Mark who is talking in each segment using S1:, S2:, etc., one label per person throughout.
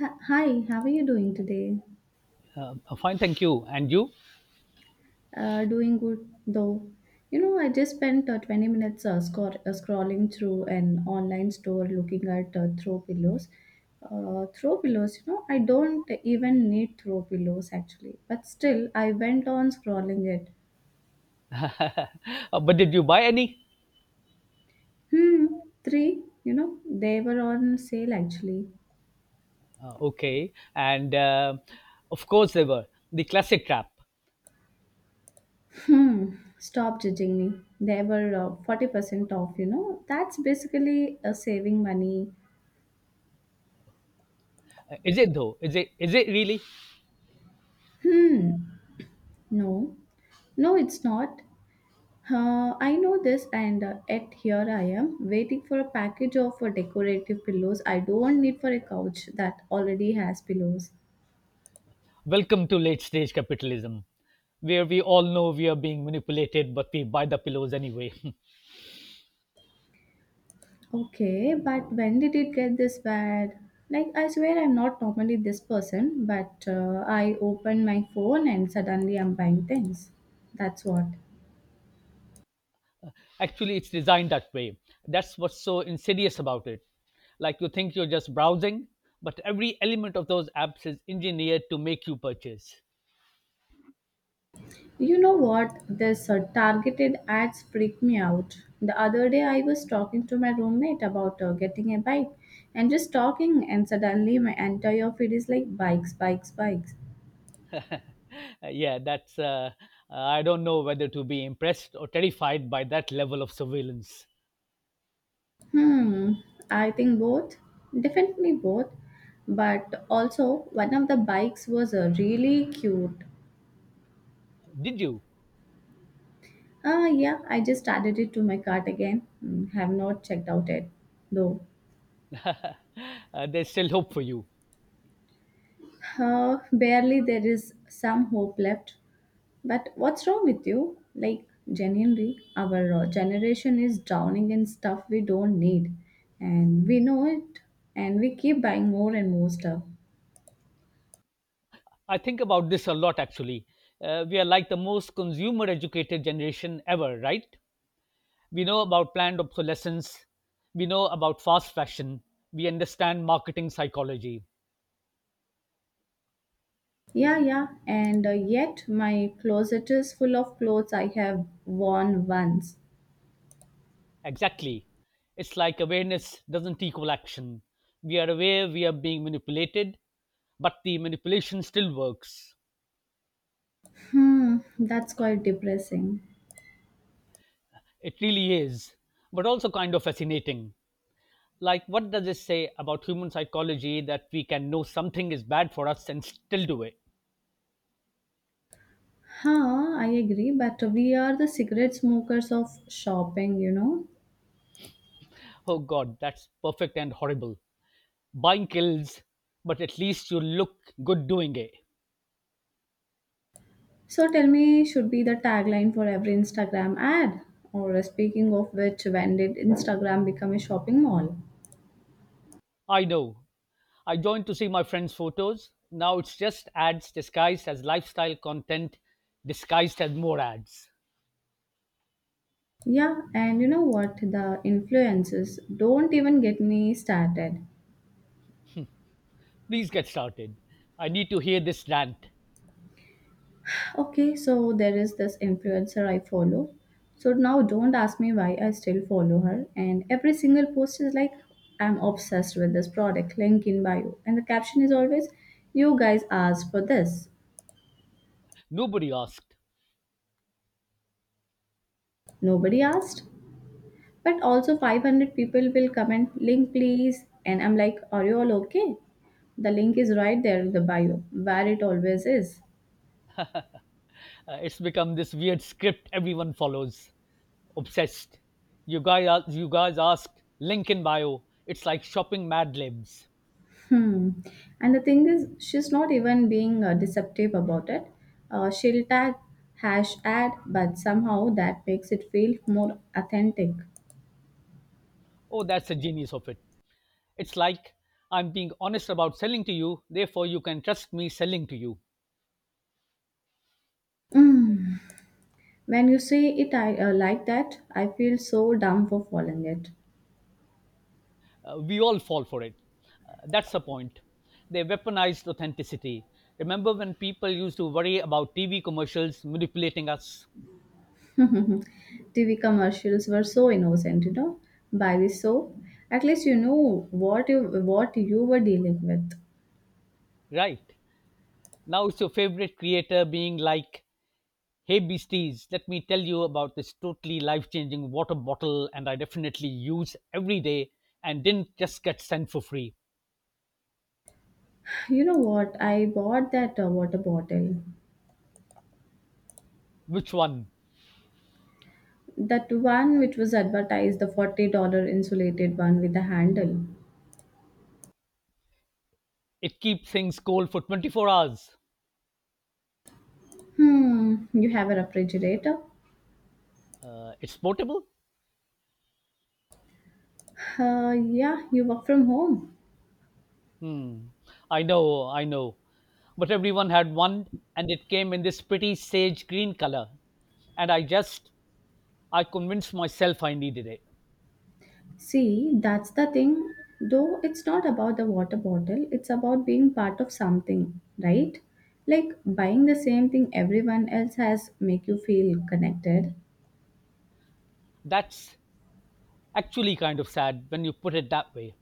S1: Hi, how are you doing today?
S2: Fine, thank you. And you?
S1: Doing good though. You know, I just spent 20 minutes scrolling through an online store looking at throw pillows. Throw pillows, you know, I don't even need throw pillows actually, but still, I went on scrolling it.
S2: But did you buy any?
S1: Three, you know, they were on sale actually.
S2: Okay. And Of course they were. The classic trap.
S1: Hmm, stop judging me. They were 40% off, you know, that's basically saving money.
S2: Is it though? Is it? Is it really?
S1: Hmm, no. No, it's not. I know this, and yet here I am waiting for a package of decorative pillows I don't need for a couch that already has pillows.
S2: Welcome to late stage capitalism, where we all know we are being manipulated, but we buy the pillows anyway.
S1: Okay, but when did it get this bad? Like, I swear I'm not normally this person, but I open my phone and suddenly I'm buying things. That's what.
S2: Actually, it's designed that way. That's what's so insidious about it. Like, you think you're just browsing, but every element of those apps is engineered to make you purchase.
S1: You know what? This targeted ads freak me out. The other day, I was talking to my roommate about getting a bike and just talking, and suddenly my entire feed is like bikes, bikes, bikes.
S2: Yeah, that's. I don't know whether to be impressed or terrified by that level of surveillance.
S1: Hmm, I think both. Definitely both. But also, one of the bikes was really cute.
S2: Did you?
S1: Ah, yeah, I just added it to my cart again. Hmm, have not checked out it though.
S2: There's still hope for you.
S1: Barely there is some hope left. But what's wrong with you? Like, genuinely, our generation is drowning in stuff we don't need. And we know it. And we keep buying more and more stuff.
S2: I think about this a lot, actually. We are like the most consumer educated generation ever, right? We know about planned obsolescence, we know about fast fashion, we understand marketing psychology.
S1: Yeah, yeah. And yet, my closet is full of clothes I have worn once.
S2: Exactly. It's like awareness doesn't equal action. We are aware we are being manipulated, but the manipulation still works.
S1: That's quite depressing.
S2: It really is, but also kind of fascinating. Like, what does this say about human psychology that we can know something is bad for us and still do it?
S1: I agree, but we are the cigarette smokers of shopping, you know.
S2: Oh God, that's perfect and horrible. Buying kills, but at least you look good doing it.
S1: So tell me, should be the tagline for every Instagram ad? Or speaking of which, when did Instagram become a shopping mall?
S2: I know. I joined to see my friends' photos. Now it's just ads disguised as lifestyle content, disguised as more ads.
S1: Yeah, and you know what? The influencers don't even get me started.
S2: Please get started. I need to hear this rant.
S1: Okay, so there is this influencer I follow. So now don't ask me why I still follow her. And every single post is like, I'm obsessed with this product, link in bio. And the caption is always, you guys asked for this.
S2: Nobody asked.
S1: Nobody asked. But also 500 people will comment, link please. And I'm like, are you all okay? The link is right there in the bio, where it always is.
S2: It's become this weird script everyone follows. Obsessed. You guys asked, link in bio. It's like shopping Mad Libs.
S1: Hmm. And the thing is, she's not even being deceptive about it. She'll tag hash ad, but somehow that makes it feel more authentic.
S2: Oh, that's the genius of it. It's like, I'm being honest about selling to you, therefore you can trust me selling to you.
S1: When you say it like that, I feel so dumb for following it.
S2: We all fall for it. That's the point. They weaponized authenticity. Remember when people used to worry about TV commercials manipulating us?
S1: TV commercials were so innocent, you know. Buy this soap. At least you knew what you were dealing with.
S2: Right. Now it's your favorite creator being like, hey beasties, let me tell you about this totally life changing water bottle and I definitely use every day and didn't just get sent for free.
S1: You know what? I bought that water bottle.
S2: Which one?
S1: That one which was advertised, the $40 insulated one with the handle.
S2: It keeps things cold for 24 hours.
S1: Hmm, you have a refrigerator?
S2: It's portable?
S1: Uh, yeah, you work from home.
S2: Hmm. I know, I know. But everyone had one and it came in this pretty sage green color. And I just, I convinced myself I needed it.
S1: See, that's the thing, though it's not about the water bottle, it's about being part of something, right? Like buying the same thing everyone else has make you feel connected.
S2: That's actually kind of sad when you put it that way.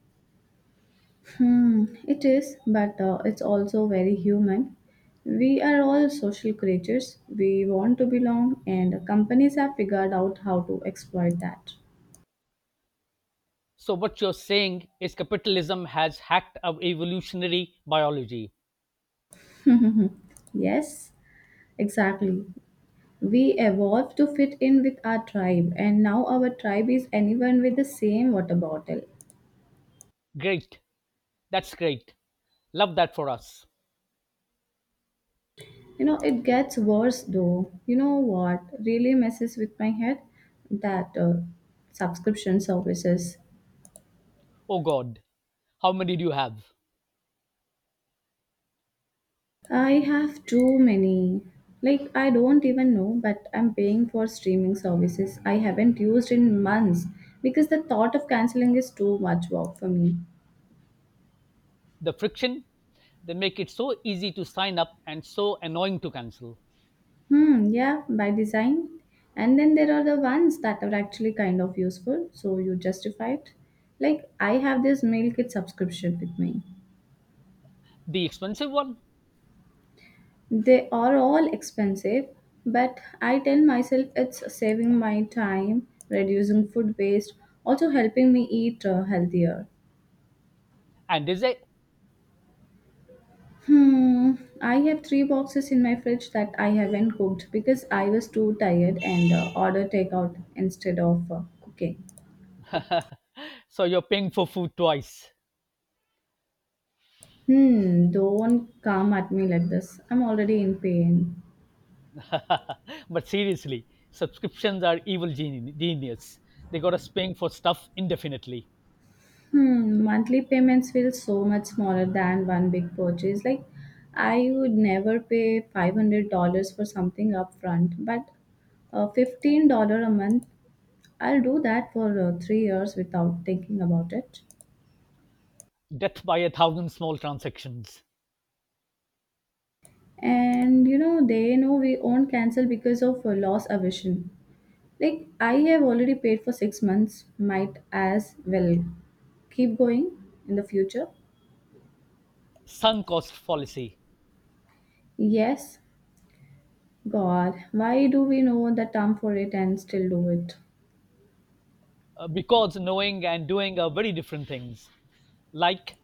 S1: It is, but it's also very human. We are all social creatures. We want to belong, and companies have figured out how to exploit that.
S2: So what you're saying is capitalism has hacked our evolutionary biology.
S1: Yes, exactly. We evolved to fit in with our tribe, and now our tribe is anyone with the same water bottle.
S2: Great. That's great. Love that for us.
S1: You know, it gets worse though. You know what really messes with my head? That Subscription services.
S2: Oh God, how many do you have?
S1: I have too many. Like, I don't even know, but I'm paying for streaming services I haven't used in months because the thought of canceling is too much work for me.
S2: The friction? They make it so easy to sign up and so annoying to cancel.
S1: Hmm, yeah, by design. And then there are the ones that are actually kind of useful, so you justify it. Like, I have this meal kit subscription with me.
S2: The expensive one?
S1: They are all expensive, but I tell myself it's saving my time, reducing food waste, also helping me eat healthier.
S2: And is it?
S1: Hmm, I have three boxes in my fridge that I haven't cooked because I was too tired and order takeout instead of cooking.
S2: So you're paying for food twice.
S1: Hmm, don't come at me like this. I'm already in pain.
S2: But seriously, subscriptions are evil genius. They got us paying for stuff indefinitely.
S1: Hmm, monthly payments feel so much smaller than one big purchase. Like, I would never pay $500 for something upfront, but $15 a month, I'll do that for 3 years without thinking about it.
S2: Death by a thousand small transactions.
S1: And you know, they know we won't cancel because of loss aversion. Like, I have already paid for 6 months, might as well keep going in the future.
S2: Sunk cost fallacy.
S1: Yes, God, why do we know the term for it and still do it?
S2: Because knowing and doing are very different things. Like,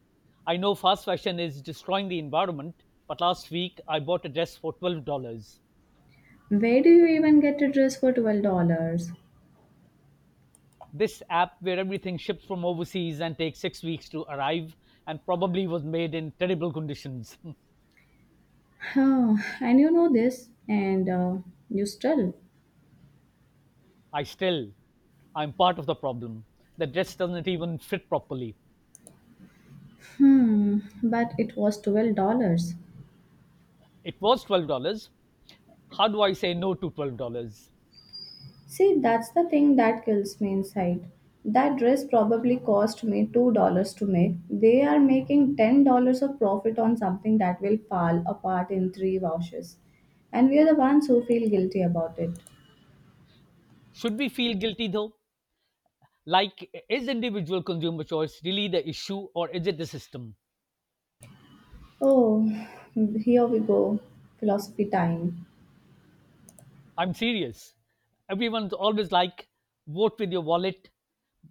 S2: I know fast fashion is destroying the environment, but last week I bought a dress for $12.
S1: Where do you even get a dress for $12?
S2: This app, where everything ships from overseas and takes 6 weeks to arrive, and probably was made in terrible conditions.
S1: Huh, and you know this, and you still.
S2: I still, I'm part of the problem. The dress doesn't even fit properly.
S1: Hmm, but it was $12.
S2: It was $12. How do I say no to $12?
S1: See, that's the thing that kills me inside. That dress probably cost me $2 to make. They are making $10 of profit on something that will fall apart in three washes. And we are the ones who feel guilty about it.
S2: Should we feel guilty though? Like, is individual consumer choice really the issue, or is it the system?
S1: Oh, here we go. Philosophy time.
S2: I'm serious. Everyone's always like, vote with your wallet,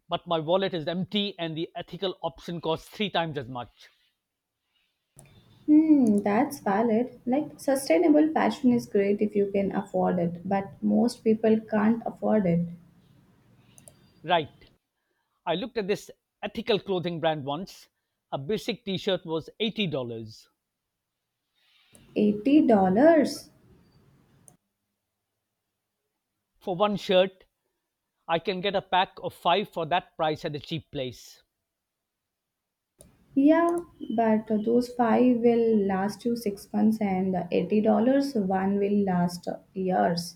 S2: but my wallet is empty and the ethical option costs three times as much.
S1: Hmm, that's valid. Like, sustainable fashion is great if you can afford it, but most people can't afford it.
S2: Right. I looked at this ethical clothing brand once. A basic t shirt was $80.
S1: $80?
S2: For one shirt, I can get a pack of five for that price at a cheap place.
S1: Yeah, but those five will last you 6 months, and $80 one will last years.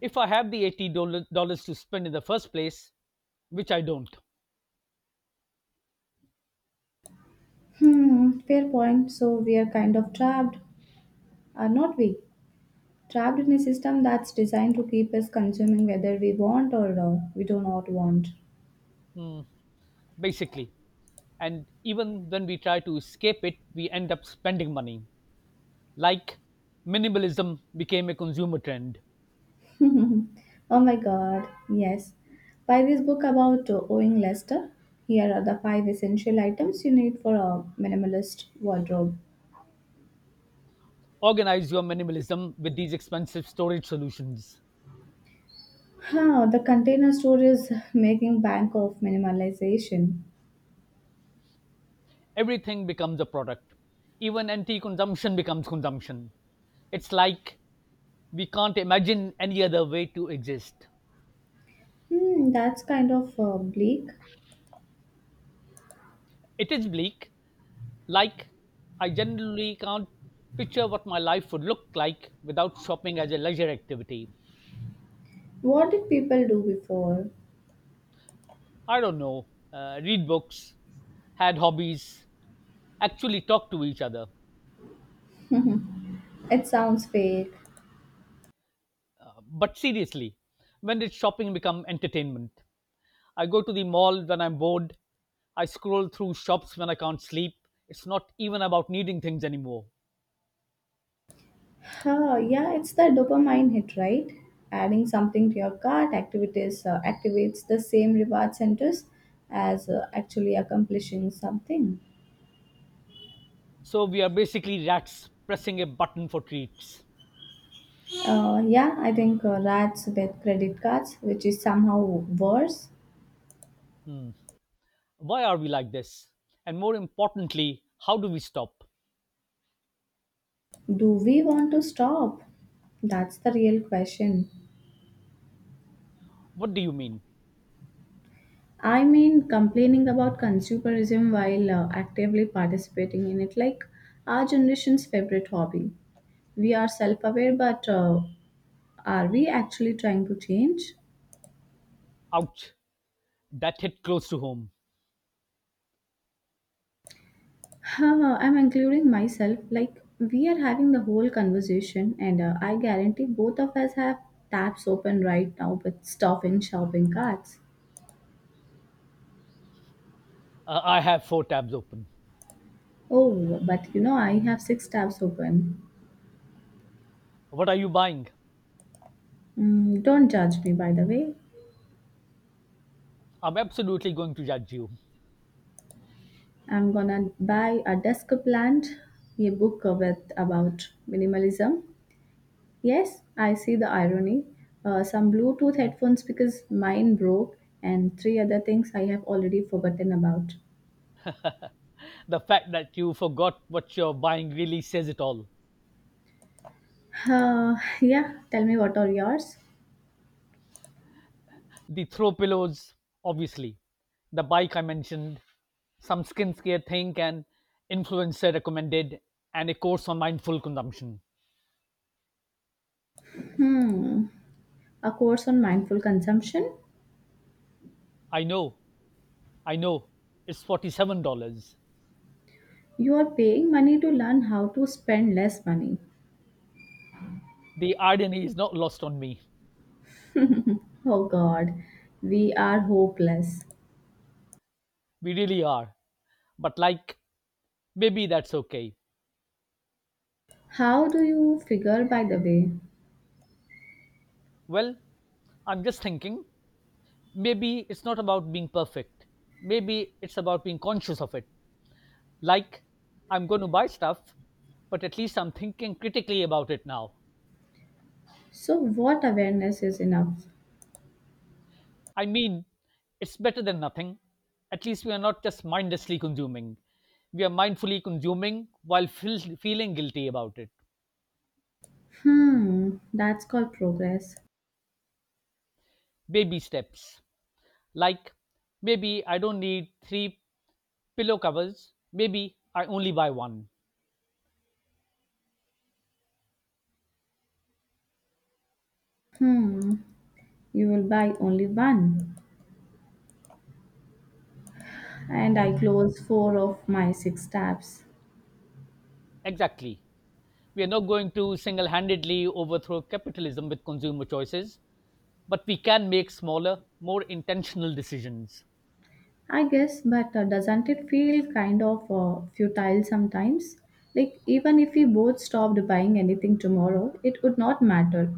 S2: If I have the $80 to spend in the first place, which I don't.
S1: Hmm, fair point. So we are kind of trapped, are not we? Trapped in a system that's designed to keep us consuming whether we want or we do not want.
S2: Hmm, basically, and even when we try to escape it, we end up spending money. Like, minimalism became a consumer trend.
S1: Oh my god, yes. Buy this book about owing Lester. Here are the five essential items you need for a minimalist wardrobe.
S2: Organize your minimalism with these expensive storage solutions.
S1: Huh, the container store is making bank of minimalization.
S2: Everything becomes a product. Even anti consumption becomes consumption. It's like we can't imagine any other way to exist.
S1: Hmm, that's kind of bleak.
S2: It is bleak. Like, I generally can't picture what my life would look like without shopping as a leisure activity.
S1: What did people do before?
S2: I don't know, read books, had hobbies, actually talk to each other.
S1: It sounds fake.
S2: But seriously, when did shopping become entertainment? I go to the mall when I'm bored. I scroll through shops when I can't sleep. It's not even about needing things anymore.
S1: Huh, yeah, it's the dopamine hit, right? Adding something to your cart activities activates the same reward centers as actually accomplishing something.
S2: So we are basically rats pressing a button for treats.
S1: Yeah, I think rats with credit cards, which is somehow worse.
S2: Hmm. Why are we like this? And more importantly, how do we stop?
S1: Do we want to stop? That's the real question.
S2: What do you mean?
S1: I mean, complaining about consumerism while actively participating in it, like our generation's favorite hobby we are self-aware but are we actually trying to change?
S2: Ouch, that hit close to home.
S1: Haha, I'm including myself. Like, we are having the whole conversation, and I guarantee both of us have tabs open right now with stuff in shopping carts.
S2: I have four tabs open.
S1: Oh, but you know, I have six tabs open.
S2: What are you buying?
S1: Mm, don't judge me, by the way.
S2: I'm absolutely going to judge you.
S1: I'm gonna buy a desk plant, a book with about minimalism, yes, I see the irony. Some Bluetooth headphones because mine broke, and three other things I have already forgotten about.
S2: The fact that you forgot what you're buying really says it all.
S1: Uh, yeah, tell me what are yours?
S2: The throw pillows, obviously. The bike I mentioned, some skincare thing, and influencer recommended, and a course on mindful consumption.
S1: Hmm, a course on mindful consumption.
S2: I know, I know, it's $47.
S1: You are paying money to learn how to spend less money.
S2: The irony is not lost on me.
S1: Oh God, we are hopeless.
S2: We really are. But, like, maybe that's okay.
S1: How do you figure, by the way?
S2: Well, I'm just thinking, maybe it's not about being perfect. Maybe it's about being conscious of it. Like, I'm going to buy stuff, but at least I'm thinking critically about it now.
S1: So, what awareness is enough?
S2: I mean, it's better than nothing. At least we are not just mindlessly consuming. We are mindfully consuming while feeling guilty about it.
S1: Hmm, that's called progress.
S2: Baby steps. Like, maybe I don't need three pillow covers. Maybe I only buy one.
S1: Hmm. You will buy only one. And I
S2: Ex-
S1: close four of my six tabs.
S2: Exactly. We are not going to single handedly overthrow capitalism with consumer choices, but we can make smaller, more intentional decisions.
S1: I guess, but doesn't it feel kind of futile sometimes? Like, even if we both stopped buying anything tomorrow, it would not matter.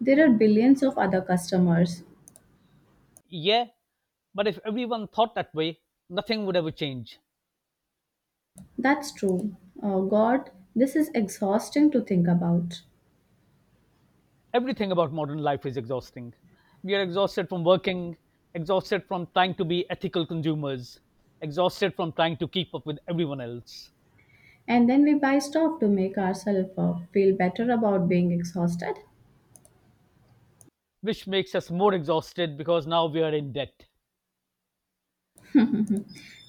S1: There are billions of other customers.
S2: Yeah, but if everyone thought that way, nothing would ever change.
S1: That's true. Oh, God, this is exhausting to think about.
S2: Everything about modern life is exhausting. We are exhausted from working, exhausted from trying to be ethical consumers, exhausted from trying to keep up with everyone else,
S1: And then we buy stuff to make ourselves feel better about being exhausted.
S2: which makes us more exhausted because now we are in debt.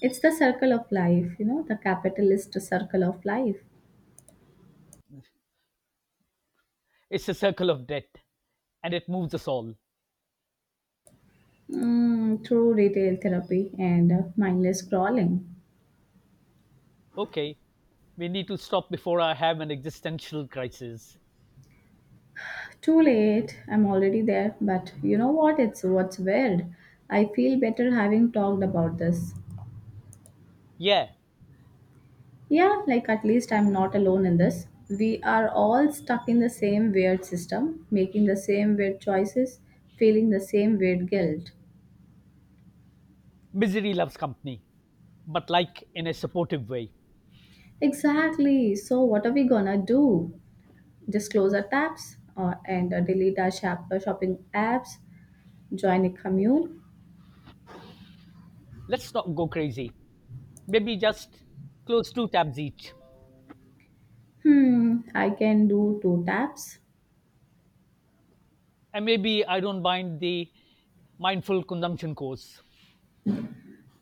S1: It's the circle of life, you know, the capitalist circle of life.
S2: It's a circle of debt, and it moves us all.
S1: Mm, through retail therapy and mindless scrolling.
S2: Okay, we need to stop before I have an existential crisis.
S1: Too late, I'm already there, but you know what? It's what's weird. I feel better having talked about this.
S2: Yeah.
S1: Yeah, like at least I'm not alone in this. We are all stuck in the same weird system, making the same weird choices, feeling the same weird guilt.
S2: Misery loves company, but like in a supportive way.
S1: Exactly. So, what are we gonna do? Just close our tabs and delete our shopping apps, join a commune,
S2: Let's not go crazy. Maybe just close two tabs each.
S1: hmm, I can do two taps.
S2: And maybe I don't mind the mindful consumption course,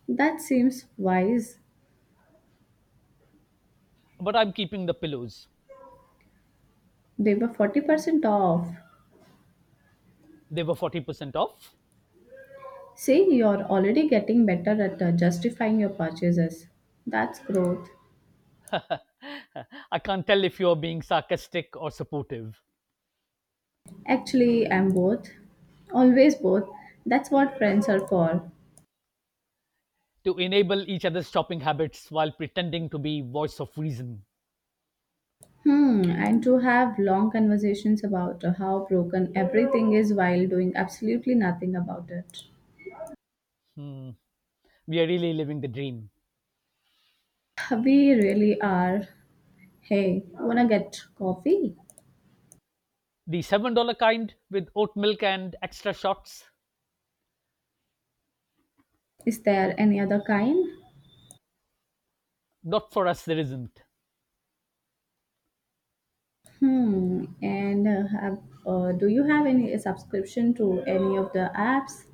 S1: That seems wise.
S2: but I'm keeping the pillows.
S1: They were 40% off.
S2: They were 40% off.
S1: See, you're already getting better at justifying your purchases. That's growth.
S2: I can't tell if you're being sarcastic or supportive.
S1: Actually, I'm both. Always both. That's what friends are for.
S2: To enable each other's shopping habits while pretending to be voice of reason.
S1: Hmm, and to have long conversations about how broken everything is while doing absolutely nothing about it.
S2: Hmm, we are really living the dream.
S1: We really are. Hey, wanna get coffee?
S2: The $7 kind with oat milk and extra shots?
S1: Is there any other kind?
S2: Not for us, there isn't.
S1: Hmm. And have do you have any subscription to any of the apps?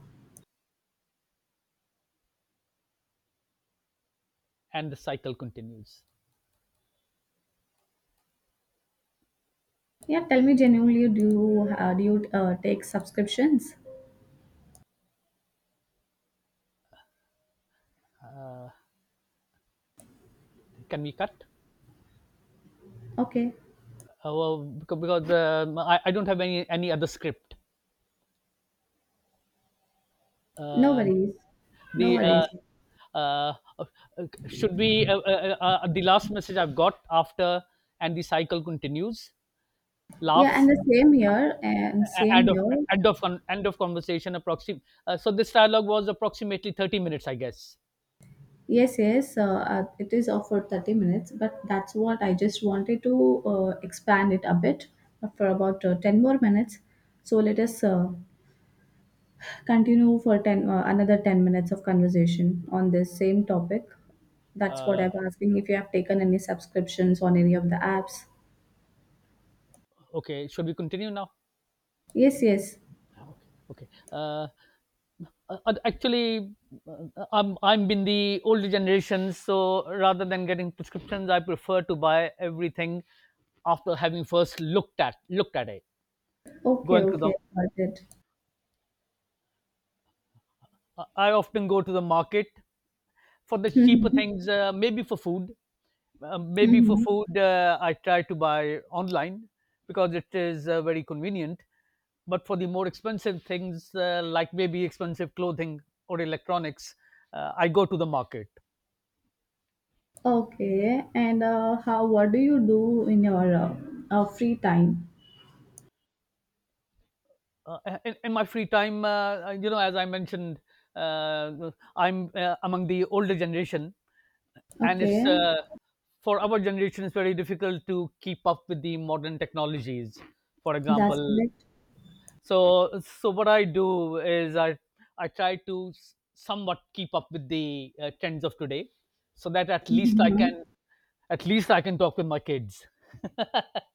S2: And the cycle continues.
S1: Yeah, tell me genuinely, do you take subscriptions?
S2: Can we cut?
S1: Okay,
S2: Well, because I don't have any other script.
S1: no
S2: Uh,
S1: worries, no
S2: the
S1: worries.
S2: uh, should be the last message I've got after "and the cycle continues."
S1: Yeah,
S2: Laughs.
S1: and the same here and
S2: a-
S1: same
S2: end of
S1: here.
S2: end of con- end of conversation. Approxim. So this dialogue was approximately 30 minutes, I guess.
S1: Yes, yes, it is offered 30 minutes, but that's what I just wanted to expand it a bit for about 10 more minutes. So let us continue for 10 minutes of conversation on this same topic. That's what
S2: Uh,
S1: I'm asking if you have taken any subscriptions on any of the apps.
S2: okay, should we continue now?
S1: Yes, yes.
S2: Okay. Okay. Actually, I'm in the older generation, so rather than getting prescriptions, I prefer to buy everything after having first looked at it.
S1: Okay,
S2: Going to
S1: okay,
S2: the,
S1: got it.
S2: I often go to the market for the cheaper
S1: Mm-hmm.
S2: things, maybe for food. Maybe for
S1: Mm-hmm.
S2: food, I try to buy online because it is very convenient. But for the more expensive things, like maybe expensive clothing or electronics, I go to the market.
S1: Okay, and how what do you do in your free time?
S2: Uh, in my free time, as I mentioned, uh, I'm among the older generation, and
S1: Okay,
S2: it's for our generation it's very difficult to keep up with the modern technologies, for
S1: that's
S2: example.
S1: it.
S2: So what I do is, I try to somewhat keep up with the trends of today, so that
S1: Mm-hmm.
S2: at least I can talk with my kids.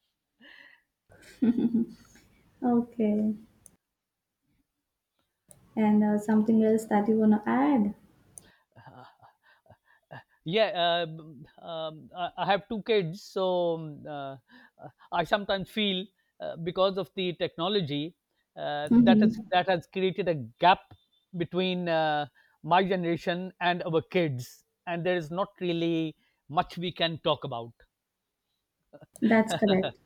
S1: Okay, and something else that you want to add?
S2: Yeah. I have two kids, so I sometimes feel, because of the technology,
S1: Mm-hmm.
S2: that has created a gap between my generation and our kids, and there is not really much we can talk about.
S1: That's correct.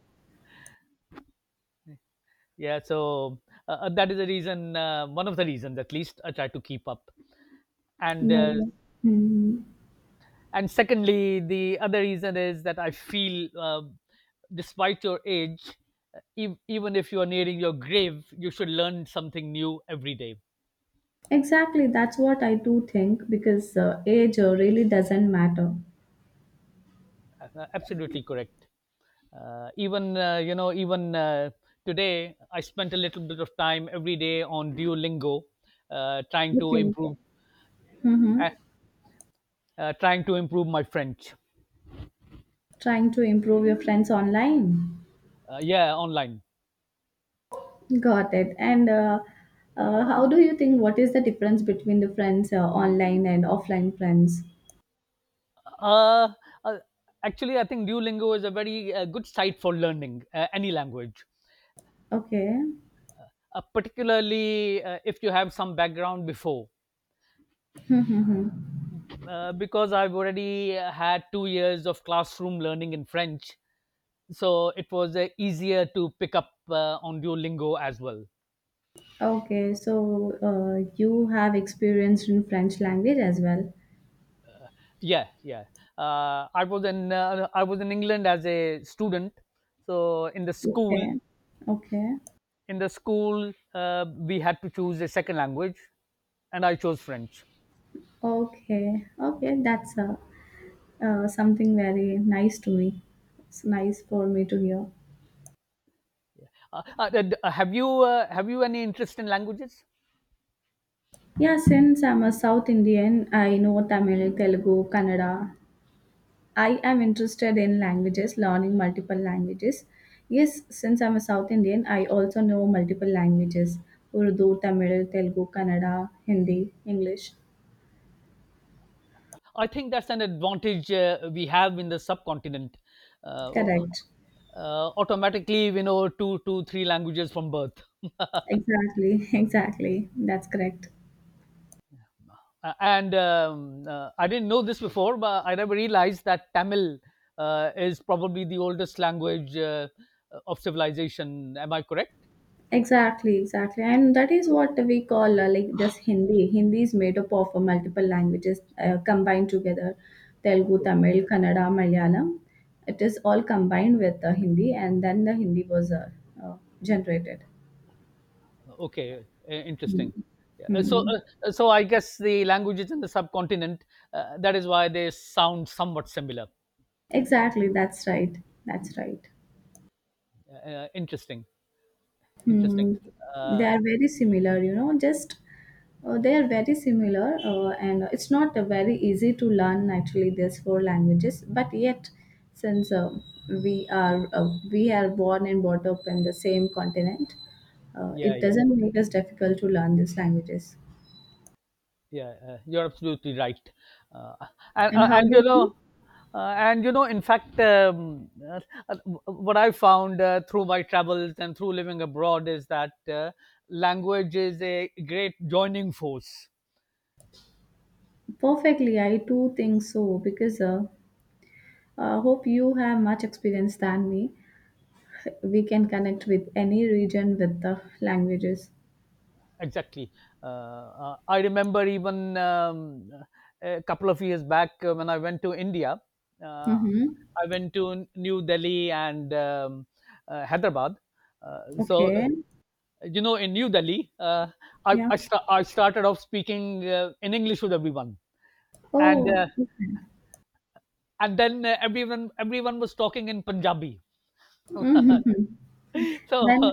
S2: Yeah, so that is the reason, one of the reasons at least I try to keep up. And uh,
S1: No. Mhm.
S2: and secondly, the other reason is that I feel, despite your age, uh, even if you are nearing your grave, you should learn something new every day.
S1: Exactly, that's what I do think because age really doesn't matter.
S2: Absolutely correct. Even you know, even Today, I spent a little bit of time every day on Duolingo, uh, trying to
S1: Okay.
S2: improve,
S1: Mm-hmm.
S2: uh, trying to improve my French.
S1: Trying to improve your friends online.
S2: Yeah, online.
S1: Got it. And how do you think what is the difference between the friends online and offline friends?
S2: Uh, uh, Actually, I think Duolingo is a very good site for learning any language,
S1: Okay.
S2: particularly if you have some background before.
S1: Mm-hmm.
S2: Because I've already had 2 years of classroom learning in French, so it was easier to pick up on Duolingo as well.
S1: Okay, so you have experience in French language as well.
S2: Yeah, yeah. I was in England as a student, so
S1: Okay. Okay.
S2: in the school we had to choose a second language, and I chose French.
S1: Okay. Okay, that's something very nice to me. It's nice for me to hear.
S2: Uh, uh, have you any interest in languages?
S1: Yeah, since I'm a South Indian, I know Tamil, Telugu, Kannada. I am interested in languages, learning multiple languages. Yes, since I'm a South Indian, I also know multiple languages: Urdu, Tamil, Telugu, Kannada, Hindi, English.
S2: I think that's an advantage we have in the subcontinent. Uh,
S1: Correct.
S2: Automatically, you know, two, three languages from birth.
S1: Exactly, exactly. That's correct.
S2: And I didn't know this before, but I never realized that Tamil is probably the oldest language of civilization. Am I correct?
S1: Exactly, exactly. And that is what we call like this Hindi. Hindi is made up of multiple languages combined together: Telugu, Tamil, Kannada, Malayalam. It is all combined with Hindi, and then the Hindi was uh, generated.
S2: Okay,
S1: Mm.
S2: interesting. Yeah. uh, So,
S1: Mm.
S2: uh, so I guess the languages in the subcontinent, that is why they sound somewhat similar.
S1: Exactly, that's right. That's right.
S2: Interesting, interesting.
S1: Hmm, they
S2: Uh,
S1: are very similar, you know, just they are very similar, and it's not very easy to learn actually these four languages. But yet, since we are born and brought up in the same continent,
S2: yeah,
S1: it
S2: yeah,
S1: doesn't make us difficult to learn these languages.
S2: yeah. You're absolutely right. Uh, and,
S1: And
S2: uh,
S1: how
S2: and you
S1: about
S2: know,
S1: you?
S2: in fact, uh, what I found through my travels and through living abroad is that language is a great joining force.
S1: Perfectly, I too think so because I hope you have much experience than me. We can connect with any region with the languages.
S2: Exactly. I remember even a couple of years back, when I went to India, uh,
S1: Mm-hmm.
S2: I went to New Delhi and Hyderabad. Uh, so, uh,
S1: Okay.
S2: in New Delhi,
S1: Yeah.
S2: I started off speaking in English with everyone. And,
S1: Oh.
S2: uh, and then everyone was talking in Punjabi.
S1: Mm-hmm.
S2: so
S1: Then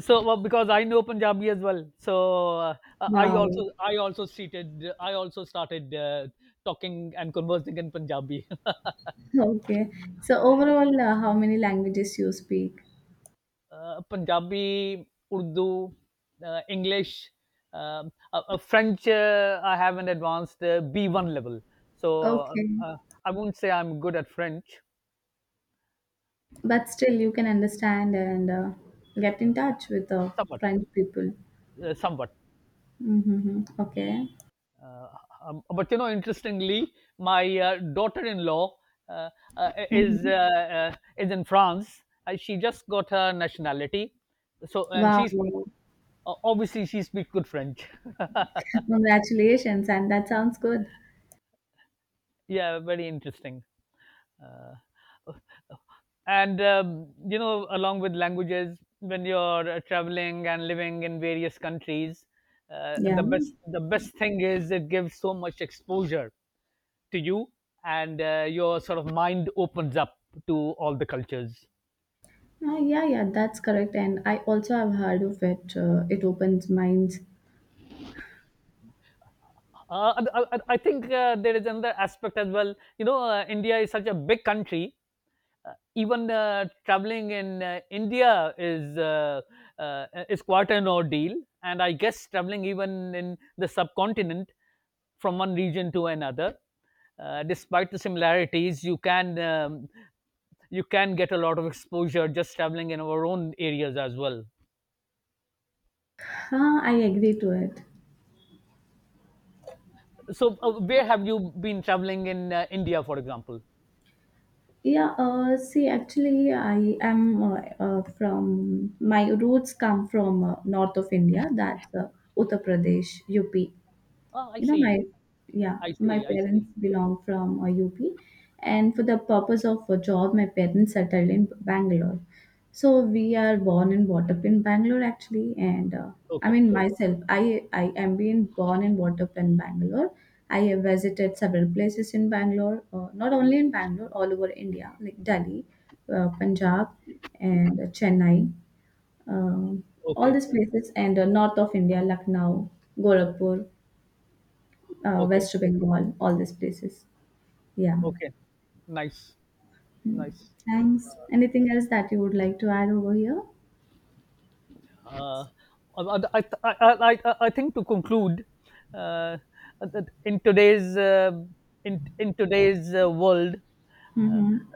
S2: so well, because I know Punjabi as well, so uh,
S1: wow.
S2: I also started talking and conversing in Punjabi.
S1: Okay. So overall, how many languages you speak?
S2: Punjabi, Urdu, English, French. I have an advanced B1 level. so um,
S1: Okay.
S2: uh, I won't say I'm good at French.
S1: But still, you can understand and get in touch with
S2: Somewhat.
S1: French people.
S2: Somewhat.
S1: Mm-hmm. Okay.
S2: Uh, but you know, interestingly, my daughter-in-law uh,
S1: Mm-hmm.
S2: is in France. She just got her nationality, so and
S1: Wow.
S2: she's obviously she speaks good French.
S1: Congratulations, and that sounds good.
S2: Yeah, very interesting. Uh, and You know, along with languages, when you're traveling and living in various countries,
S1: Yeah.
S2: the best thing is it gives so much exposure to you, and your sort of mind opens up to all the cultures.
S1: Yeah, yeah, that's correct. And I also have heard of it. It opens minds.
S2: And I think there is another aspect as well. You know, India is such a big country. Even traveling in India is quite an ordeal, and I guess traveling even in the subcontinent from one region to another, despite the similarities, you can get a lot of exposure just traveling in our own areas as well.
S1: Ah, I agree to it.
S2: So, where have you been traveling in India, for example?
S1: Yeah, see, actually, I am from my roots come from north of India, that's Uttar Pradesh, UP.
S2: Oh, I
S1: You know my,
S2: see.
S1: yeah,
S2: I
S1: my
S2: see. I see.
S1: parents belong from UP, and for the purpose of a job my parents settled in Bangalore, so we are born and brought up in Bangalore actually. And I
S2: Okay.
S1: mean myself, I am being born and brought up in Bangalore. I have visited several places in Bangalore, not only in Bangalore, all over India, like Delhi, Punjab, and Chennai, um, all
S2: Okay.
S1: these places, and north of India, Lucknow, Gorakhpur,
S2: Okay.
S1: West Bengal, all these places. Yeah.
S2: Okay. Nice.
S1: Mm.
S2: Nice.
S1: Thanks. Anything else that you would like to add over here?
S2: Uh, I, I think to conclude, uh, that in today's world, uh,
S1: Mm-hmm.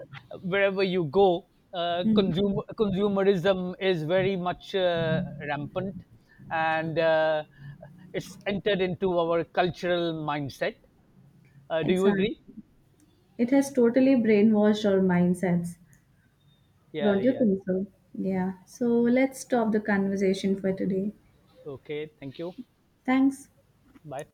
S2: wherever you go,
S1: Mm.
S2: consumerism is very much rampant, and it's entered into our cultural mindset. Do you
S1: Exactly.
S2: agree?
S1: It has totally brainwashed our mindsets.
S2: Yeah,
S1: Don't you
S2: yeah.
S1: think so? Yeah. So let's stop the conversation for today.
S2: Okay, thank you.
S1: Thanks.
S2: Bye.